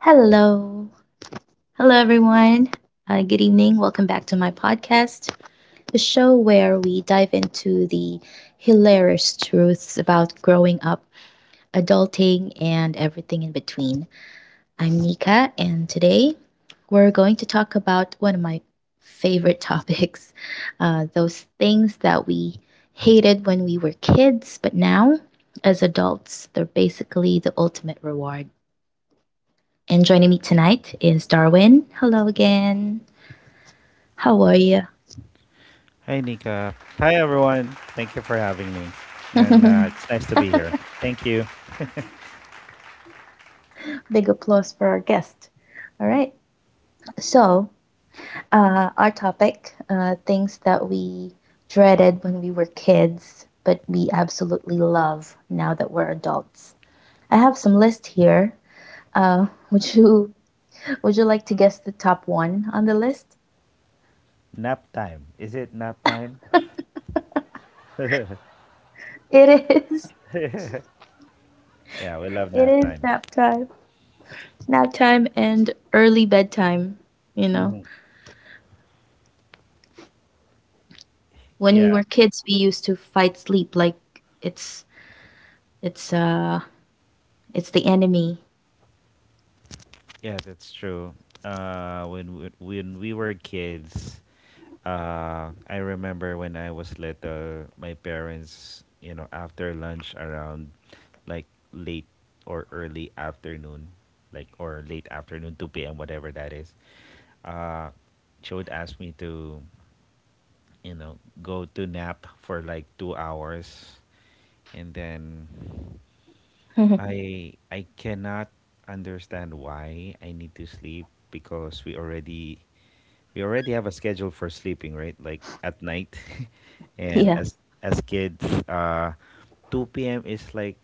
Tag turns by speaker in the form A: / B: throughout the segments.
A: Hello. Hello, everyone. Good evening. Welcome back to my podcast, the show where we dive into the hilarious truths about growing up, adulting, and everything in between. I'm Nika, and today we're going to talk about one of my favorite topics those things that we hated when we were kids, but now, as adults, they're basically the ultimate reward. And joining me tonight is Darwin. Hello again. How are you?
B: Hi, Nika. Hi, everyone. Thank you for having me. And it's nice to be here. Thank you.
A: Big applause for our guest. All right. So, our topic, things that we dreaded when we were kids, but we absolutely love now that we're adults. I have some list here. Uh, would you would you like to guess the top one on the list?
B: Nap time. Is it nap time?
A: It is
B: Yeah, we love
A: it
B: nap
A: is
B: times.
A: nap time, and early bedtime. You know,
B: hmm
A: when we
B: Yeah,
A: were kids, we used to fight sleep like it's it's uh it's the enemy.
B: yeah, that's true. When we were kids, I remember when I was little, my parents, you know, after lunch around like late or early afternoon, like or late afternoon, 2 p.m., whatever that is, uh, she would ask me to, you know, go to nap for like 2 hours, and then I cannot understand why I need to sleep because we already have a schedule for sleeping, right? Like at night. And
A: Yeah,
B: as kids, uh 2 p.m. is like,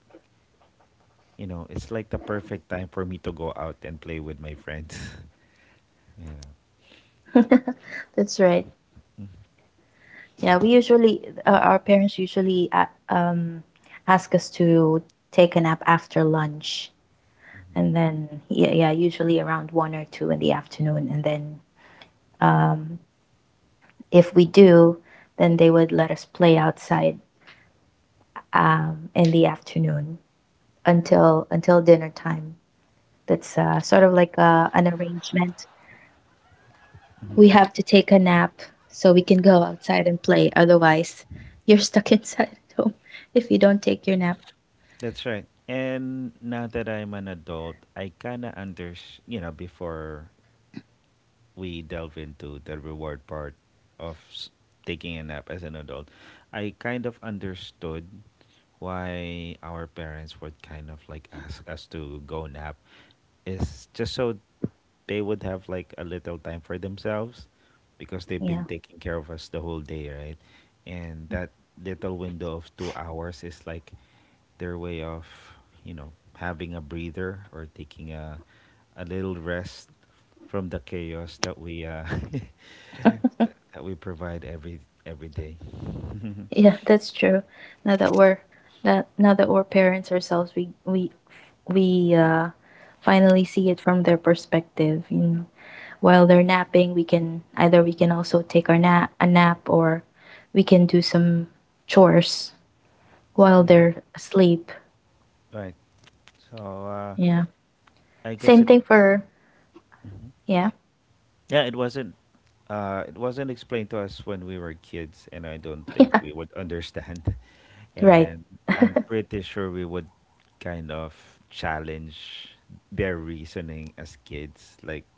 B: you know, it's like the perfect time for me to go out and play with my friends. Yeah.
A: that's right. Yeah, we usually our parents usually ask us to take a nap after lunch, and then yeah, yeah, usually around one or two in the afternoon, and then um if we do, then they would let us play outside in the afternoon until dinner time. That's sort of like an arrangement. We have to take a nap so we can go outside and play. Otherwise, you're stuck inside at home if you don't take your nap.
B: That's right. And now that I'm an adult, I kind of you know, before we delve into the reward part of taking a nap as an adult, I kind of understood why our parents would kind of like ask us to go nap is just so they would have like a little time for themselves because they've
A: Yeah,
B: been taking care of us the whole day, right? And that little window of 2 hours is like their way of, you know, having a breather or taking a little rest from the chaos that we that we provide every day.
A: yeah, that's true. Now that we're now that we're parents ourselves, we finally see it from their perspective. You know, while they're napping, we can also take our nap a nap or we can do some chores while they're asleep.
B: Right. So uh,
A: Yeah.
B: I guess
A: Same
B: it.
A: thing for.
B: Mhm.
A: Yeah.
B: Yeah, it wasn't explained to us when we were kids, and I don't think
A: Yeah.
B: we would understand.
A: Right.
B: And I'm pretty sure we would kind of challenge their reasoning as kids. Like,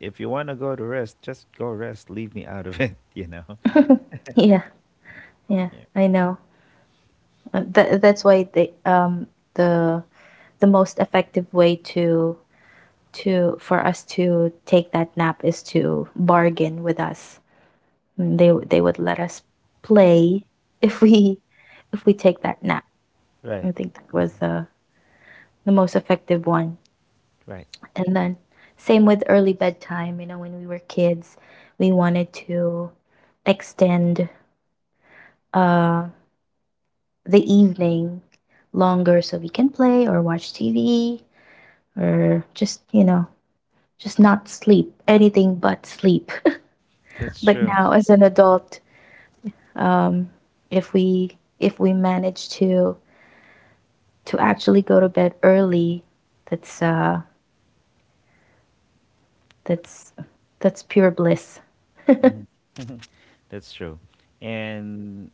B: if you want to go to rest, just go rest. Leave me out of it. You know.
A: yeah. Yeah.
B: Yeah.
A: I know. That's why the the the most effective way to for us to take that nap is to bargain with us. They they would let us play if we if we take that nap.
B: Right.
A: I think that was the most effective one.
B: Right.
A: And then same with early bedtime. You know, when we were kids, we wanted to extend uh the evening longer so we can play or watch TV or just, just not sleep, anything but sleep.
B: That's
A: But
B: true.
A: now as an adult, um, if we if we manage to actually go to bed early, that's uh that's that's pure bliss.
B: That's true. And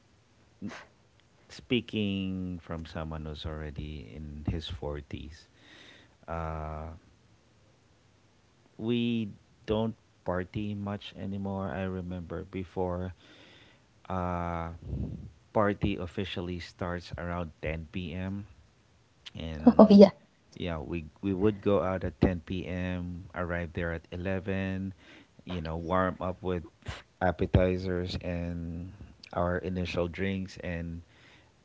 B: speaking from someone who's already in his 40s, Uh, we don't party much anymore. I remember before, uh, party officially starts around 10 p.m.
A: Oh
B: And
A: yeah.
B: yeah, we would go out at 10 p.m., arrive there at 11, you know, warm up with appetizers and our initial drinks, and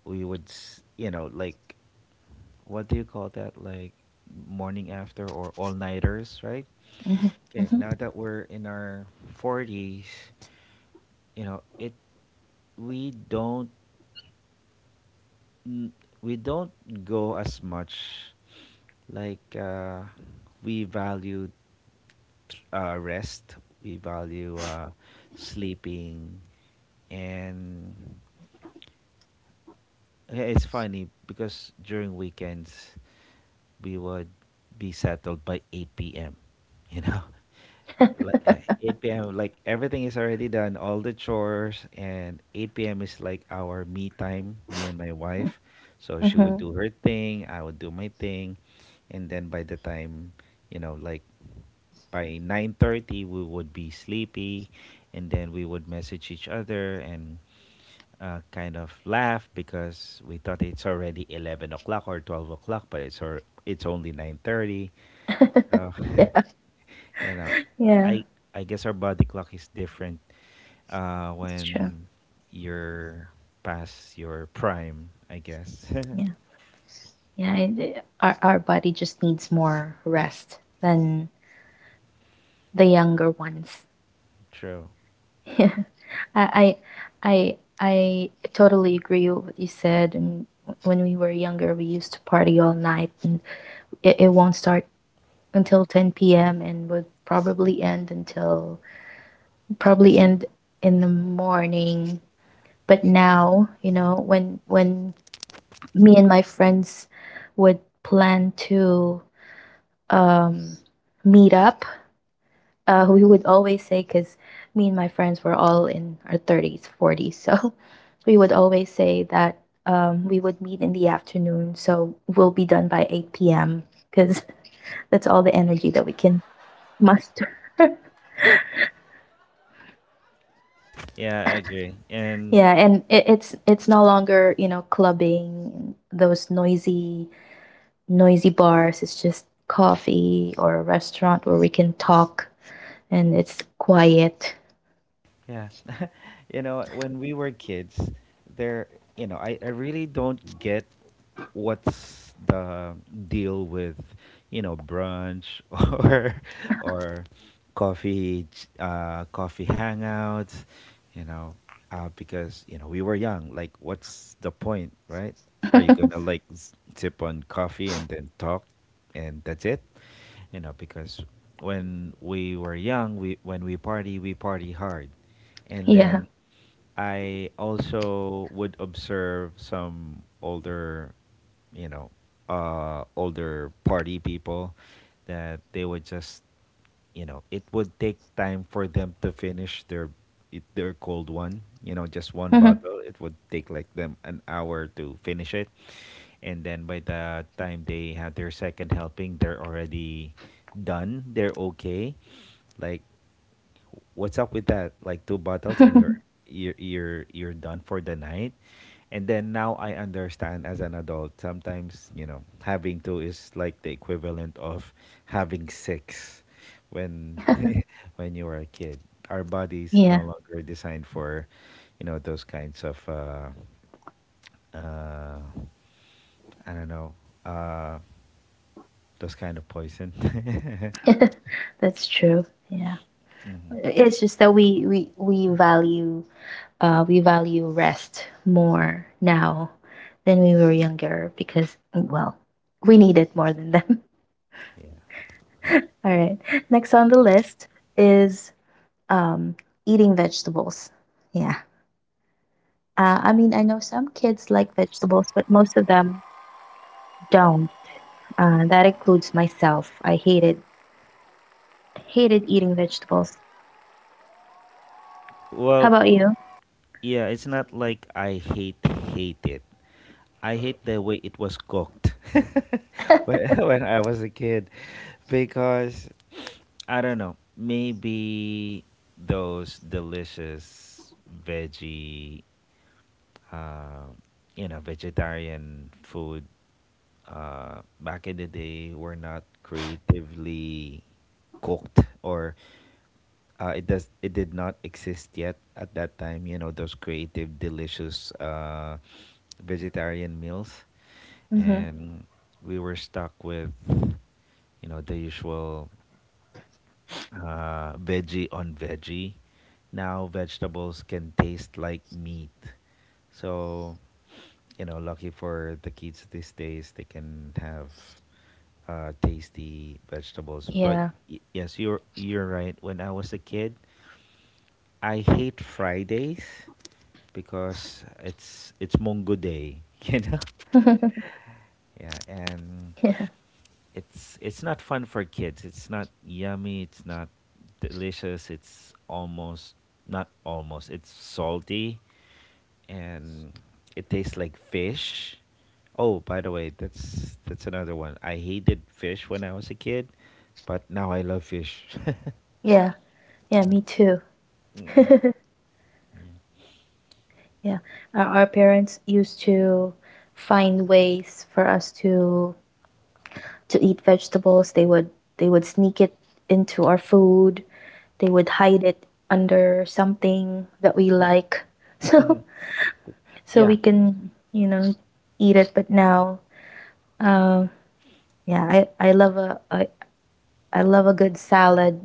B: we would you know, like, what do you call that, like morning after or all nighters, right?
A: Mhm,
B: Okay,
A: mhm,
B: now that we're in our 40s, you know, it, we don't we don't go as much, like we value rest, we value sleeping, and yeah, it's funny because during weekends we would be settled by 8 p.m. You know, like 8 p.m., like everything is already done, all the chores, and 8 p.m. is like our me time, me and my
A: mm,
B: wife. So she would
A: mhm.
B: do her thing, I would do my thing, and then by the time, you know, like by 9:30 we would be sleepy, and then we would message each other, and kind of laugh because we thought it's already 11 o'clock or 12 o'clock, but it's only 9:30. So
A: Yeah,
B: you know,
A: yeah,
B: I I guess our body clock is different
A: that's true.
B: when you're past your prime. I guess.
A: Yeah, yeah. Our body just needs more rest than the younger ones.
B: True.
A: I, I, I totally agree with what you said. And when we were younger, we used to party all night, and it won't start until 10 p.m. and would probably end until probably end in the morning. But now, you know, when me and my friends would plan to um, meet up, we would always say, because me and my friends were all in our 30s, 40s, so we would always say that we would meet in the afternoon so we'll be done by 8 p.m. because that's all the energy that we can muster.
B: Yeah, I agree. And
A: Yeah, and it's no longer, you know, clubbing those noisy noisy bars. It's just coffee or a restaurant where we can talk and it's quiet.
B: yeah, you know, when we were kids, there, you know, I really don't get what's the deal with, you know, brunch or or coffee coffee hangouts, you know. Because, you know, we were young, like what's the point, right? Are you gonna like sip on coffee and then talk, and that's it, you know? Because when we were young, we, when we party, we party hard. And
A: Yeah.
B: then I also would observe some older, you know, older party people that they would just, you know, it would take time for them to finish their their cold one. You know, just one bottle. It would take like them an hour to finish it, and then by the time they had their second helping, they're already done. They're okay. Like what's up with that? Like two bottles and you're you're you're you're done for the night. And then now I understand as an adult, sometimes, you know, having two is like the equivalent of having six when when you were a kid. Our bodies
A: Yeah.
B: no longer designed for, you know, those kinds of uh I don't know, uh those kind of poison.
A: That's true. Yeah. It's just that we value rest more now than we were younger because, well, we need it more than them.
B: Yeah.
A: All right. Next on the list is um eating vegetables. Yeah. I mean, I know some kids like vegetables, but most of them don't. That includes myself. I hated eating vegetables.
B: No,
A: How about
B: well,
A: you?
B: yeah, it's not like I hate it. I hate the way it was cooked when when I was a kid because I don't know, maybe those delicious uh, you know, vegetarian food, back in the day were not creatively cooked or it did not exist yet at that time. You know, those creative, delicious vegetarian meals,
A: Mm-hmm.
B: and we were stuck with, you know, the usual veggie on veggie. Now vegetables can taste like meat, so you know, lucky for the kids these days, they can have tasty vegetables. But
A: Yeah.
B: yes, you're right. When I was a kid, I hate Fridays because it's Mongo Day, you know. Yeah, and
A: Yeah.
B: it's not fun for kids. It's not yummy. It's not delicious. It's almost not almost. It's salty, and it tastes like fish. Oh, by the way, that's another one. I hated fish when I was a kid, but now I love fish.
A: Yeah. Yeah, me too.
B: Mm,
A: Yeah,
B: yeah.
A: our parents used to find ways for us to eat vegetables. They would sneak it into our food. They would hide it under something that we
B: Uh,
A: like, so so we
B: yeah.
A: can, eat it. But now, um, yeah, I I love a, a I love a good salad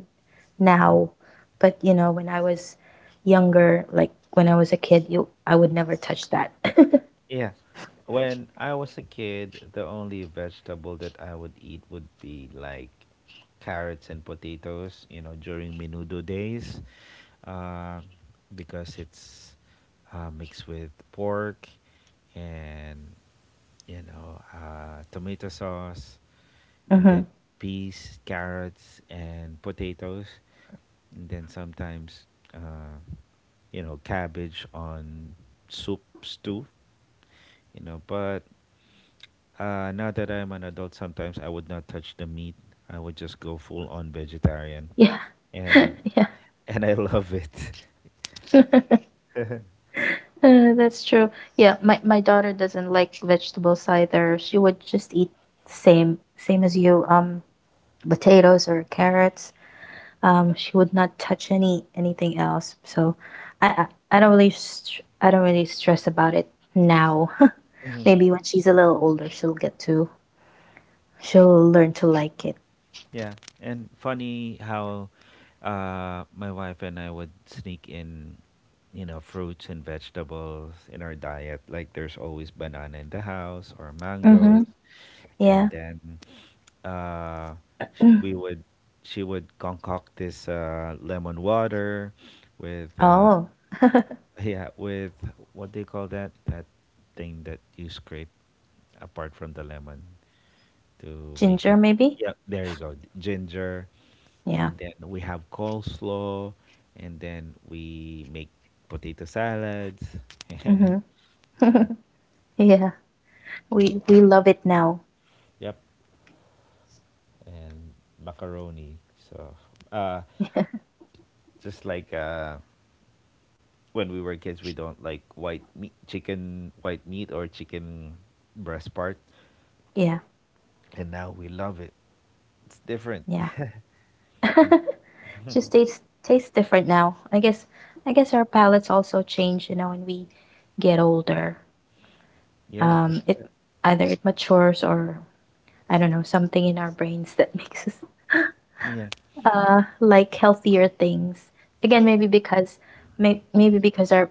A: now, but you know when I was younger, like when I was a kid, you I would never touch that.
B: Yeah. When I was a kid, the only vegetable that I would eat would be like carrots and potatoes, you know, during menudo days, uh, because it's mixed with pork and, you know, tomato sauce, and then
A: Mhm.
B: peas, carrots, and potatoes. And then sometimes, uh, you know, cabbage on soup stew, you know. But now that I'm an adult, sometimes I would not touch the meat. I would just go full on vegetarian,
A: Yeah,
B: and
A: yeah.
B: and I love it.
A: That's true. Yeah, my daughter doesn't like vegetables either. She would just eat, same as you, potatoes or carrots. She would not touch anything else. So, I don't really stress about it now.
B: hmm
A: Maybe when she's a little older, she'll learn to like it.
B: Yeah, and funny how my wife and I would sneak in, you know, fruits and vegetables in our diet. Like there's always banana in the house or mangoes,
A: Mhm. Yeah.
B: and then uh, we would, she would concoct this lemon water with
A: Oh,
B: yeah, with, what do you call that, that thing that you scrape apart from the lemon to make
A: ginger
B: it.
A: maybe?
B: Yep, there you go, ginger.
A: Yeah.
B: And then we have coleslaw, and then we make potato salads and
A: Mhm. Yeah. We love it now.
B: yep, and macaroni, so uh, just like when we were kids, we don't like white meat, chicken white meat or chicken breast part,
A: Yeah,
B: and now we love it. It's different.
A: yeah. Just tastes different now. I guess our palates also change, you know, when we get older.
B: Yeah, that's
A: It
B: right.
A: either it matures, or I don't know, something in our brains that makes us
B: Yeah,
A: like healthier things. Again, maybe because, maybe because our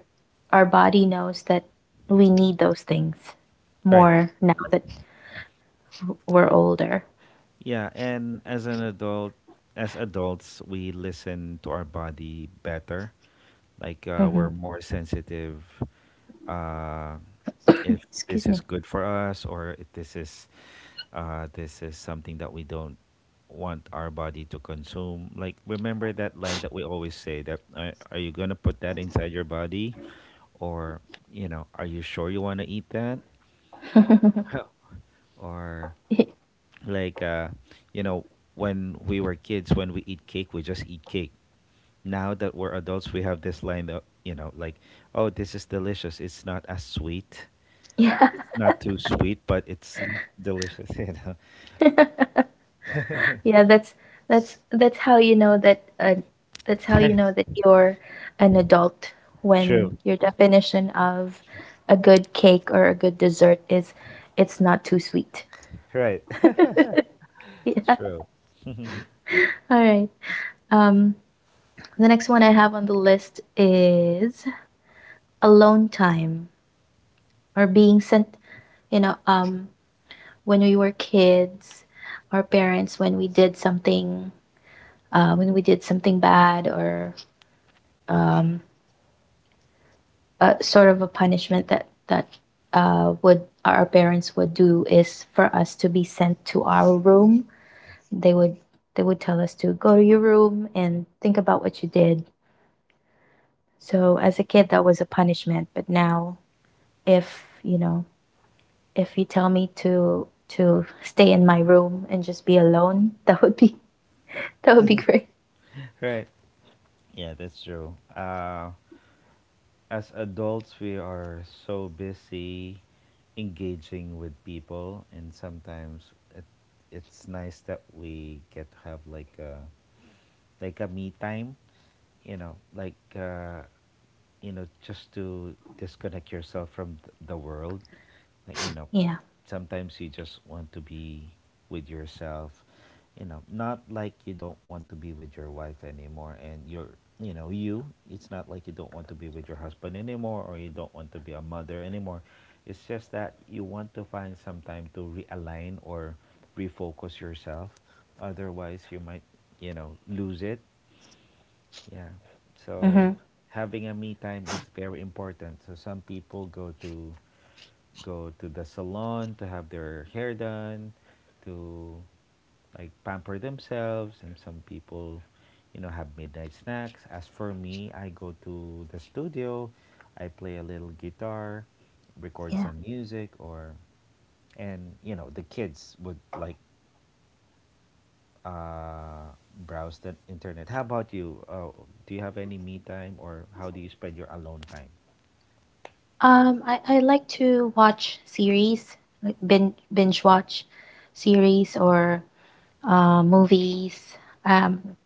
A: our body knows that we need those things
B: right.
A: more now that we're older.
B: Yeah, and as an as adults, we listen to our body better. Like
A: Hmm.
B: we're more sensitive, uh, if this
A: Excuse
B: is
A: me.
B: good for us or if this is, this is something that we don't want our body to consume. Like remember that line that we always say that are you gonna put that inside your body, or, you know, are you sure you want to eat that, or like uh, you know, when we were kids, when we eat cake, we just eat cake. Now that we're adults, we have this line that, you know, like, oh, this is delicious. It's not as sweet.
A: Yeah.
B: It's not too sweet, but it's delicious. You know,
A: Yeah, that's how you know that you're an adult, when
B: true,
A: your definition of a good cake or a good dessert is it's not too sweet.
B: right?
A: Yeah.
B: True,
A: All right. Um the next one I have on the list is alone time, or being sent. you know um when we were kids, our parents, when we did something bad, or um sort of a punishment that that would our parents would do, is for us to be sent to our room. They would they would tell us to go to your room and think about what you did. So as a kid, that was a punishment. But now, if you know, if you tell me to stay in my room and just be alone, that would be that would be great.
B: right? Yeah, that's true. As adults, we are so busy engaging with people, and sometimes it's nice that we get to have like a me time. You know, like. You know, just to disconnect yourself from the world. Like, you know,
A: Yeah.
B: sometimes you just want to be with yourself. You know, not like you don't want to be with your wife anymore and your, you know, you, it's not like you don't want to be with your husband anymore, or you don't want to be a mother anymore. It's just that you want to find some time to realign or refocus yourself. Otherwise, you might, you know, lose it, yeah.
A: Mm-hmm.
B: So having a me time is very important. So some people go to the salon to have their hair done, to like pamper themselves, and some people, you know, have midnight snacks. As for me, I go to the studio, I play a little guitar, record
A: Yeah.
B: some music or, and you know, the kids would like uh, browse the internet. How about you? Do you have any me time, or how do you spend your alone time?
A: I like to watch series, like binge watch series or movies. Um,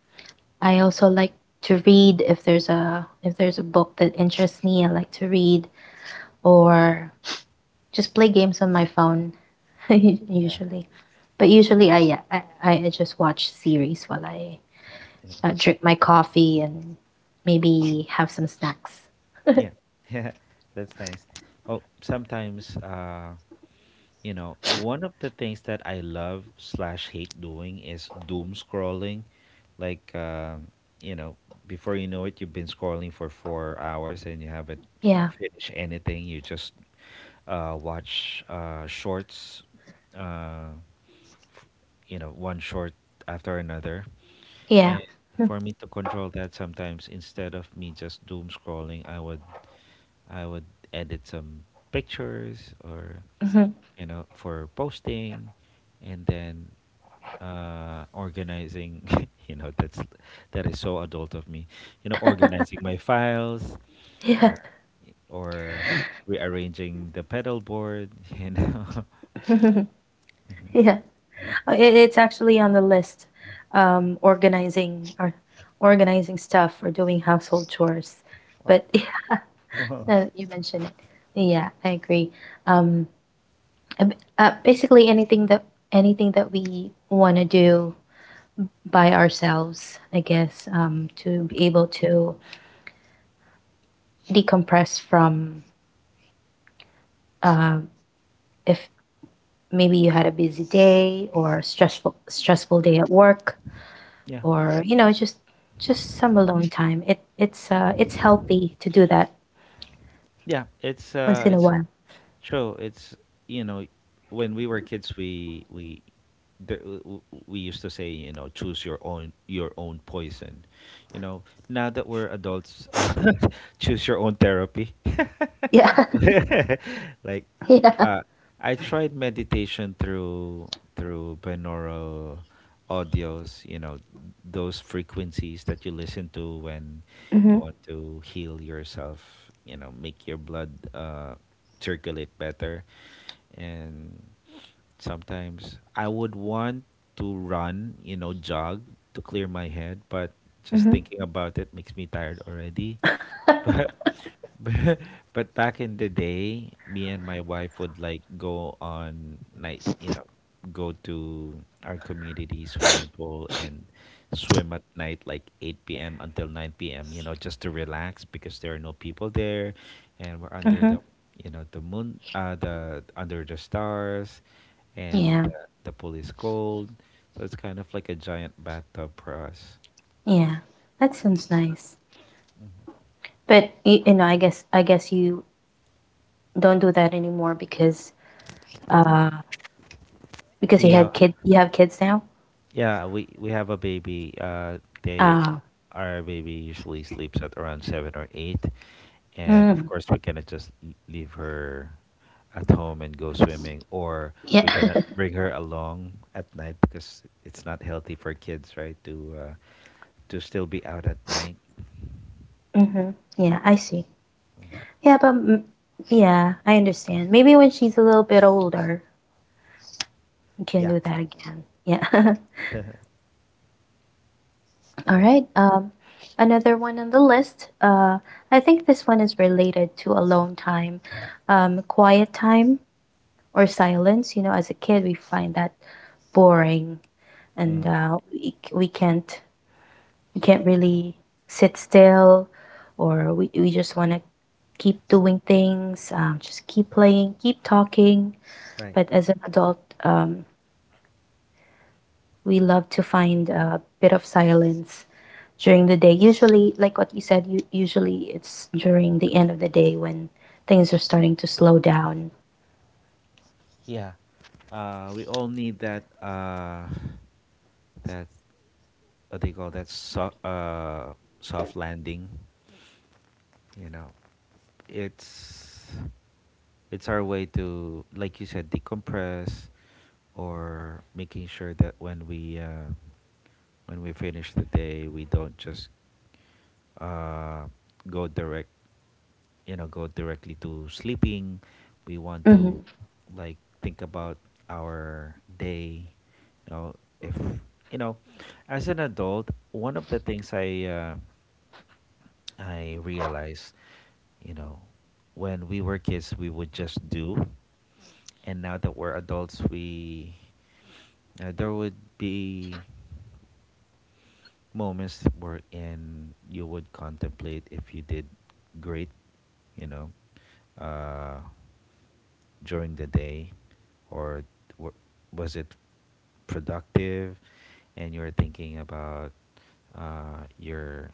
A: I also like to read if there's a book that interests me. I like to read or just play games on my phone usually. But usually, I yeah, I just watch series while I
B: Yeah,
A: drink my coffee and maybe have some snacks.
B: yeah, yeah. That's nice. Oh, sometimes, you know, one of the things that I love slash hate doing is doom scrolling. Like, you know, before you know it, you've been scrolling for 4 hours and you haven't
A: Yeah,
B: finished anything. You just watch shorts. Uh, you know, one short after another.
A: yeah.
B: And for me to control that sometimes instead of me just doom scrolling, I would edit some pictures or
A: Mhm.
B: for posting, and then organizing. you know that's that is so adult of me, you know, organizing my files or
A: Yeah.
B: or rearranging the pedal board. you know
A: Yeah. It's actually on the list. Um, organizing or organizing stuff or doing household chores. But
B: Wow.
A: you mentioned it. Yeah, I agree. Um, basically, anything that we want to do by ourselves, I guess, to be able to decompress, from uh, if maybe you had a busy day or a stressful day at work,
B: yeah
A: or, you know, just some alone time. It's healthy to do that
B: Yeah,
A: once in a
B: it's
A: while.
B: true. It's, you know, when we were kids, we there, we used to say, you know, choose your own poison. You know, now that we're adults, choose your own therapy.
A: Yeah.
B: like,
A: Yeah.
B: uh, I tried meditation through binaural audios. You know, those frequencies that you listen to when
A: Mm-hmm.
B: you want to heal yourself, you know, make your blood circulate better. And sometimes I would want to run, you know, jog to clear my head, but just
A: Mm-hmm.
B: thinking about it makes me tired already. but. but back in the day, me and my wife would like go on night, you know, go to our community swimming pool and swim at night like 8 p.m. until 9 p.m., you know, just to relax because there are no people there, and we're under the,
A: Mm-hmm.
B: you know, the moon, the under the stars, and
A: Yeah,
B: the pool is cold. So it's kind of like a giant bathtub for us.
A: yeah, that sounds nice. But I guess you don't do that anymore uh because
B: Yeah,
A: you have kids now.
B: yeah, we have a baby. They
A: uh
B: Our baby usually sleeps at around 7 or 8, and of
A: mm,
B: course we cannot just leave her at home and go swimming. Or we
A: yeah.
B: cannot bring her along at night because it's not healthy for kids, right? To still be out at night.
A: Mm-hmm. Yeah, I see. Yeah, but yeah, I understand. Maybe when she's a little bit older, you can
B: Yeah,
A: do that again.
B: yeah,
A: Yeah.
B: that's
A: All
B: right.
A: right. Another one on the list. I think this one is related to alone time, quiet time or silence. You know, as a kid, we find that boring, and
B: Mm,
A: we can't really sit still, or we just want to keep doing things, just keep playing, keep talking.
B: right.
A: But as an adult, we love to find a bit of silence during the day. Usually, like what you said, usually it's during the end of the day when things are starting to slow down.
B: Yeah. We all need that. That, what they call that soft soft landing. You know, it's our way to, like you said, decompress, or making sure that when we finish the day, we don't just uh, go direct, you know, go directly to sleeping. We want to
A: Hmm.
B: like think about our day, you know, if you know, as an adult, one of the things I realized, you know, when we were kids we would just do, and now that we're adults we there would be moments wherein you would contemplate if you did great, you know, uh, during the day, or w- was it productive? And you're thinking about uh, your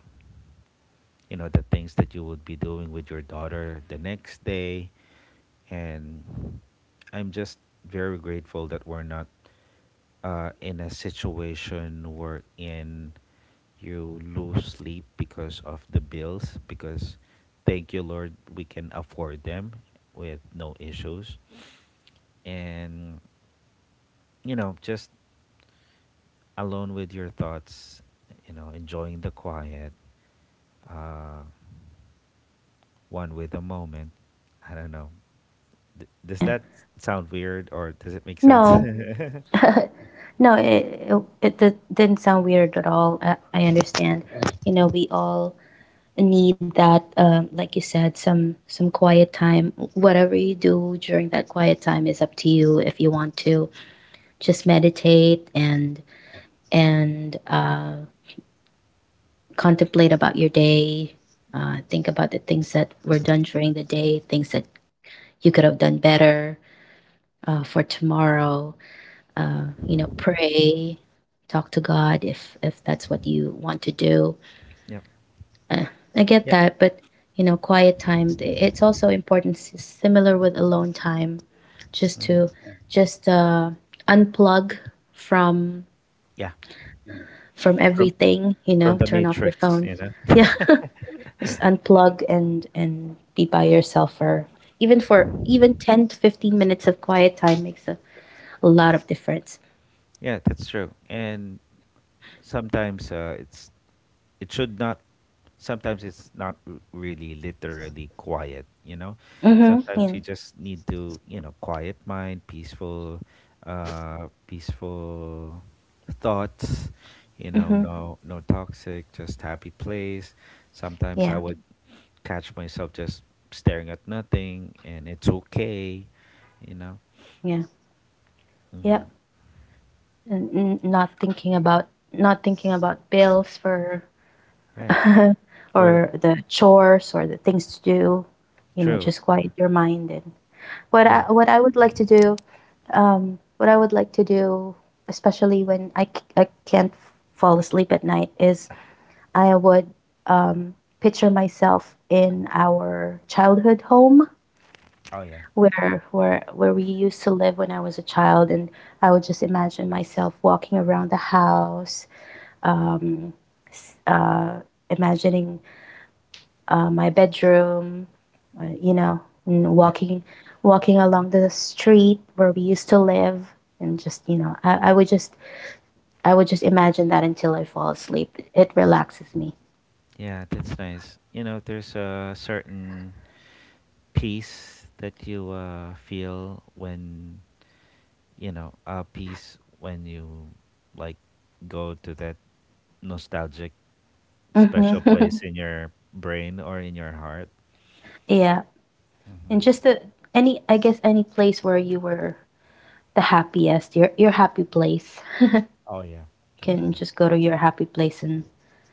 B: you know, the things that you would be doing with your daughter the next day. And I'm just very grateful that we're not in a situation where in you lose sleep because of the bills, because thank you Lord we can afford them with no issues. And, you know, just alone with your thoughts, you know, enjoying the quiet, uh, one with a moment. I don't know. Does
A: Yeah.
B: that sound weird or does it make sense?
A: No, no, it didn't sound weird at all. I understand. You know, we all need that, like you said, some quiet time. Whatever you do during that quiet time is up to you. If you want to just meditate and and uh, contemplate about your day, think about the things that were done during the day, things that you could have done better for tomorrow. You know, pray, talk to God if that's what you want to do.
B: yeah.
A: Uh, I get
B: Yeah.
A: that, but you know, quiet time, it's also important, similar with alone time, just to just unplug from
B: Yeah. From
A: everything. You know,
B: the
A: turn off your
B: Matrix,
A: phone.
B: you know.
A: Yeah. Just unplug and be by yourself for, even for even 10 to 15 minutes of quiet time makes a lot of difference.
B: Yeah, that's true. And sometimes it's it should not. Sometimes it's not really literally quiet. You know,
A: Mhm.
B: sometimes you
A: Yeah.
B: just need to, you know, quiet mind, peaceful, peaceful thoughts. You know,
A: Mhm.
B: no toxic, just happy place. Sometimes I
A: Yeah.
B: would catch myself just staring at nothing, and it's okay. You know,
A: Yeah. Yeah.
B: mhm.
A: And n- not thinking about not thinking about bills for
B: Right? Or
A: or the chores or the things to do,
B: true.
A: just quiet your mind. And what
B: Yeah.
A: I, what I would like to do, what I would like to do, especially when I can't fall asleep at night, is I would picture myself in our childhood home,
B: Oh yeah.
A: where we used to live when I was a child. And I would just imagine myself walking around the house, um, s- uh, imagining my bedroom, and
B: Yeah.
A: walking, walking along the street where we used to live. And just I would just, I would just imagine that until I fall asleep. It relaxes me.
B: Yeah, that's nice. You know, there's a certain peace that you feel when, you know, a peace when you like go to that nostalgic special
A: hmm
B: place in your brain or in your heart.
A: yeah.
B: Hmm
A: And just the, any, I guess, any place where you were the happiest, your happy place.
B: Oh yeah.
A: You
B: That's
A: can
B: right.
A: just go to your happy place and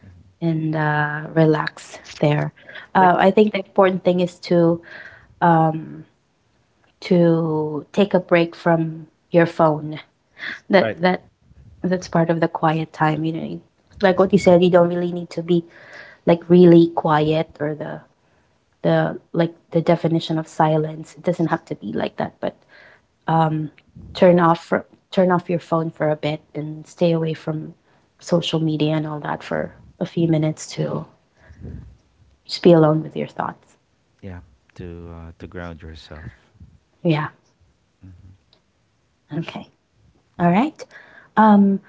B: hmm
A: relax there. I
B: Like,
A: think the important thing is um, to take a break from your phone. That
B: right.
A: that that's part of the quiet time. You know, like what you said, you don't really need to be like really quiet, or the, like the definition of silence. It doesn't have to be like that, but um, turn off for, turn off your phone for a bit and stay away from social media and all that for a few minutes to just be alone with your thoughts.
B: Yeah, to ground yourself.
A: Yeah.
B: Hmm
A: Okay. All right. Um,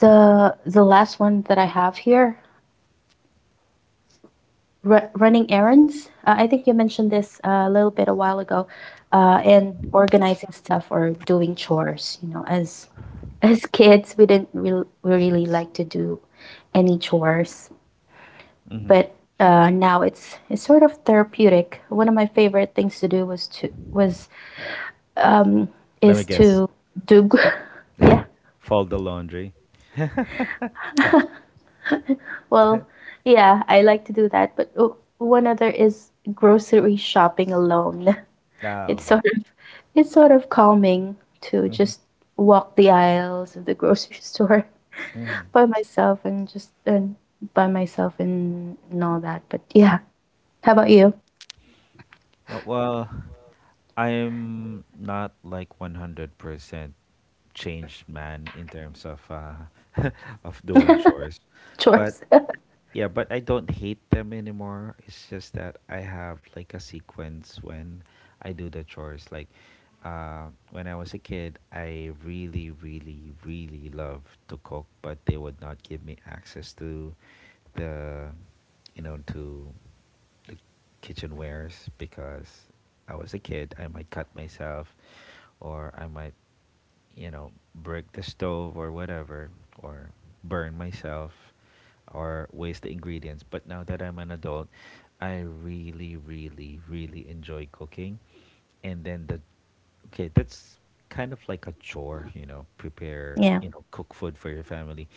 A: the last one that I have here, running errands. I think you mentioned this a little bit a while ago, and organizing stuff or doing chores. You know, as kids, we didn't really like to do any chores,
B: hmm
A: but now it's sort of therapeutic. One of my favorite things to do was to, was um,
B: Let me
A: is
B: guess.
A: to do gr- yeah,
B: Fold the laundry.
A: well yeah, I like to do that. But one other is grocery shopping alone.
B: Ah,
A: It's
B: okay.
A: sort of, it's sort of calming to just walk the aisles of the grocery store by myself, and just, and by myself, and all that. But yeah, how about you?
B: Yeah, well, I'm not like 100% changed man in terms of of doing chores, but
A: Chores.
B: yeah, but I don't hate them anymore. It's just that I have like a sequence when I do the chores. Like when I was a kid, I really, really, really loved to cook, but they would not give me access to the, you know, to the kitchen wares because I was a kid. I might cut myself or I might, you know, break the stove or whatever, or burn myself, or waste the ingredients. But now that I'm an adult, I really, really, really enjoy cooking. And then the okay, that's kind of like a chore, you know, prepare,
A: Yeah.
B: you know, cook food for your family.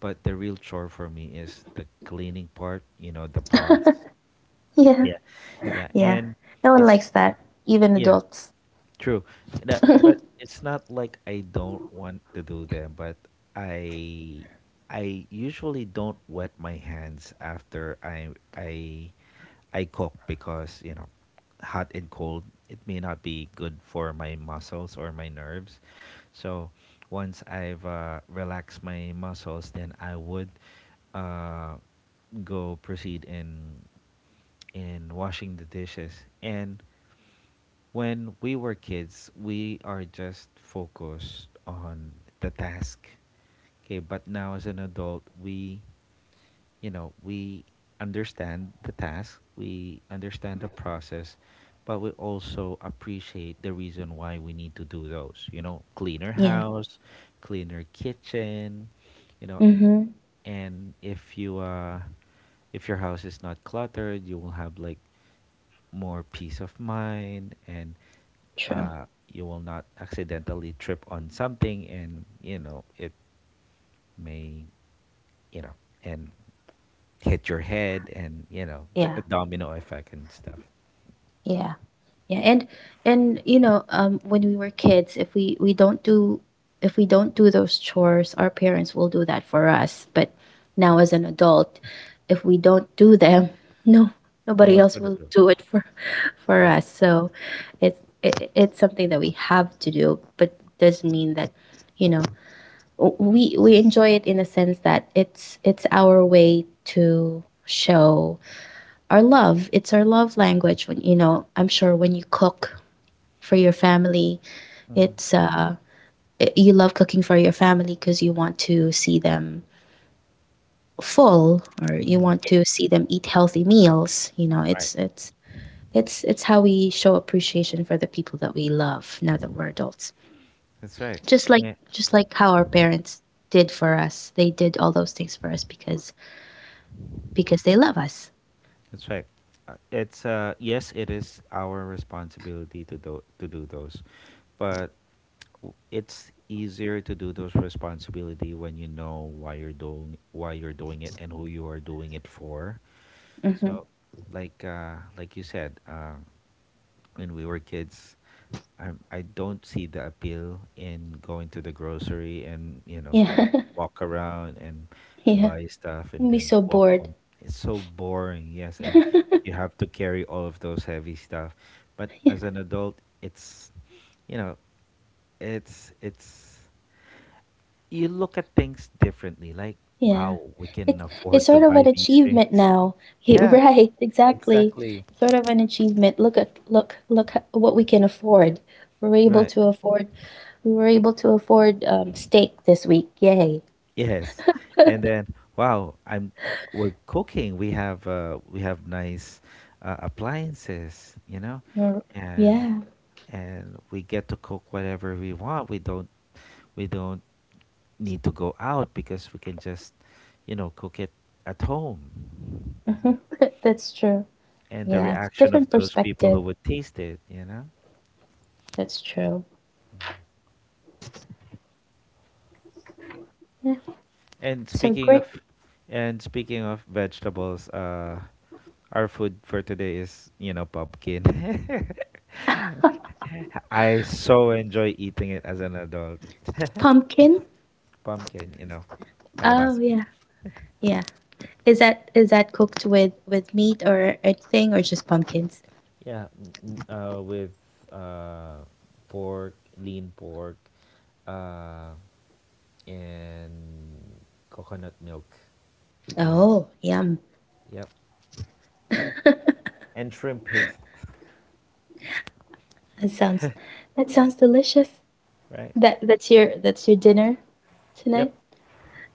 B: But the real chore for me is the cleaning part, you know, the pots.
A: Yeah.
B: Yeah. Yeah.
A: Yeah.
B: And
A: No one
B: it's,
A: likes that, even
B: yeah.
A: adults.
B: True. That, but it's not like I don't want to do them, but I I usually don't wet my hands after I I cook because, you know, hot and cold, it may not be good for my muscles or my nerves. So once I've relaxed my muscles, then I would uh, go proceed in washing the dishes. And when we were kids, we are just focused on the task. Okay, but now as an adult, we, you know, we understand the task, we understand the process, but we also appreciate the reason why we need to do those. You know, cleaner
A: Yeah.
B: house, cleaner kitchen, you know,
A: Mm-hmm.
B: and if you if your house is not cluttered, you will have like more peace of mind and
A: True.
B: you will not accidentally trip on something, and you know it may, you know, and hit your head and you know,
A: Yeah.
B: a domino effect and stuff.
A: Yeah. Yeah. And when we were kids, if we don't do, if we don't do those chores, our parents will do that for us. But now as an adult, if we don't do them, no
B: No
A: nobody
B: one's
A: else
B: gonna
A: will
B: do.
A: do it for for
B: That's
A: us.
B: right.
A: So it's, it's something that we have to do, but does mean that, you know, we enjoy it in a sense that it's our way to show our love. It's our love language. When, you know, I'm sure when you cook for your family,
B: hmm
A: it's, you love cooking for your family because you want to see them full, or you
B: hmm
A: want to see them eat healthy meals. You know,
B: right.
A: it's how we show appreciation for the people that we love now that we're adults.
B: That's right.
A: Just like,
B: Yeah.
A: just like how our parents did for us. They did all those things for us because they love us.
B: That's right. It's yes, it is our responsibility to do, to do those, but it's easier to do those responsibility when you know why you're doing, why you're doing it and who you are doing it for.
A: Mm-hmm.
B: So like you said, when we were kids, I don't see the appeal in going to the grocery and, you know, like
A: Yeah,
B: walk around and
A: yeah.
B: buy stuff and
A: I'd be
B: then
A: so
B: walk
A: bored.
B: home. It's so boring, yes, and
A: Yeah,
B: you have to carry all of those heavy stuff. But as an adult, it's, you know, it's you look at things differently. Like,
A: yeah.
B: wow, we
A: It's
B: can
A: it's
B: afford to
A: sort of an
B: buy these
A: achievement
B: things.
A: now. Yeah,
B: Yeah,
A: right, exactly.
B: exactly.
A: It's sort of an achievement. Look at, look, look at what we can afford. We were able
B: Right.
A: to afford. We were able to afford, steak this week. Yay!
B: Yes. And then, wow, I'm we're cooking. We have nice appliances, you know,
A: Or-
B: and
A: Yeah.
B: we get to cook whatever we want. We don't need to go out because we can just, you know, cook it at home.
A: Mhm. That's true.
B: And the
A: Yeah,
B: reaction
A: different
B: of those people who
A: perspective.
B: would taste it, you know.
A: That's true. Yeah.
B: And
A: So
B: speaking of
A: great.
B: vegetables, our food for today is, you know, pumpkin. I so enjoy eating it as an adult.
A: Pumpkin.
B: pumpkin, you know,
A: Oh
B: kalabasa.
A: yeah, yeah. Is that cooked with meat or anything, or just pumpkins?
B: Yeah, with uh, pork, lean pork, uh, and coconut milk, and
A: Oh, yum.
B: yep, and shrimp paste.
A: That sounds, that sounds delicious.
B: Right?
A: That's your, that's your dinner
B: Yep,
A: tonight?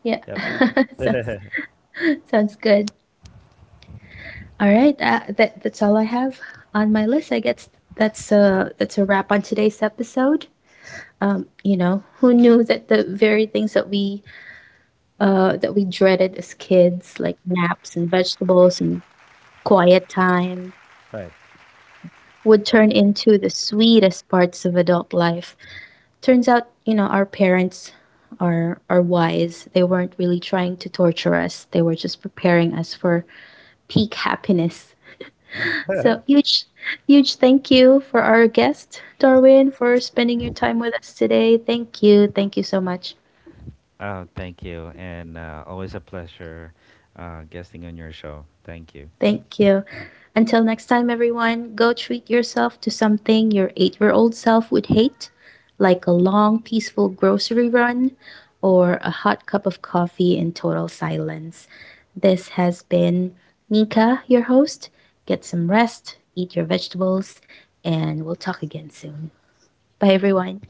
A: Yeah.
B: yep.
A: Sounds, sounds good. All right. That's all I have on my list. I guess that's a, that's a wrap on today's episode. You know, who knew that the very things that we, that we dreaded as kids, like naps and vegetables and quiet time,
B: Right.
A: would turn into the sweetest parts of adult life. Turns out, you know, our parents are wise. They weren't really trying to torture us. They were just preparing us for peak happiness. So huge thank you for our guest, Darwin, for spending your time with us today. Thank you. Thank you so much.
B: Oh, thank you. And always a pleasure guesting on your show. Thank you.
A: Thank you. Until next time, everyone, go treat yourself to something your 8-year old self would hate, like a long, peaceful grocery run, or a hot cup of coffee in total silence. This has been Nika, your host. Get some rest, eat your vegetables, and we'll talk again soon. Bye, everyone.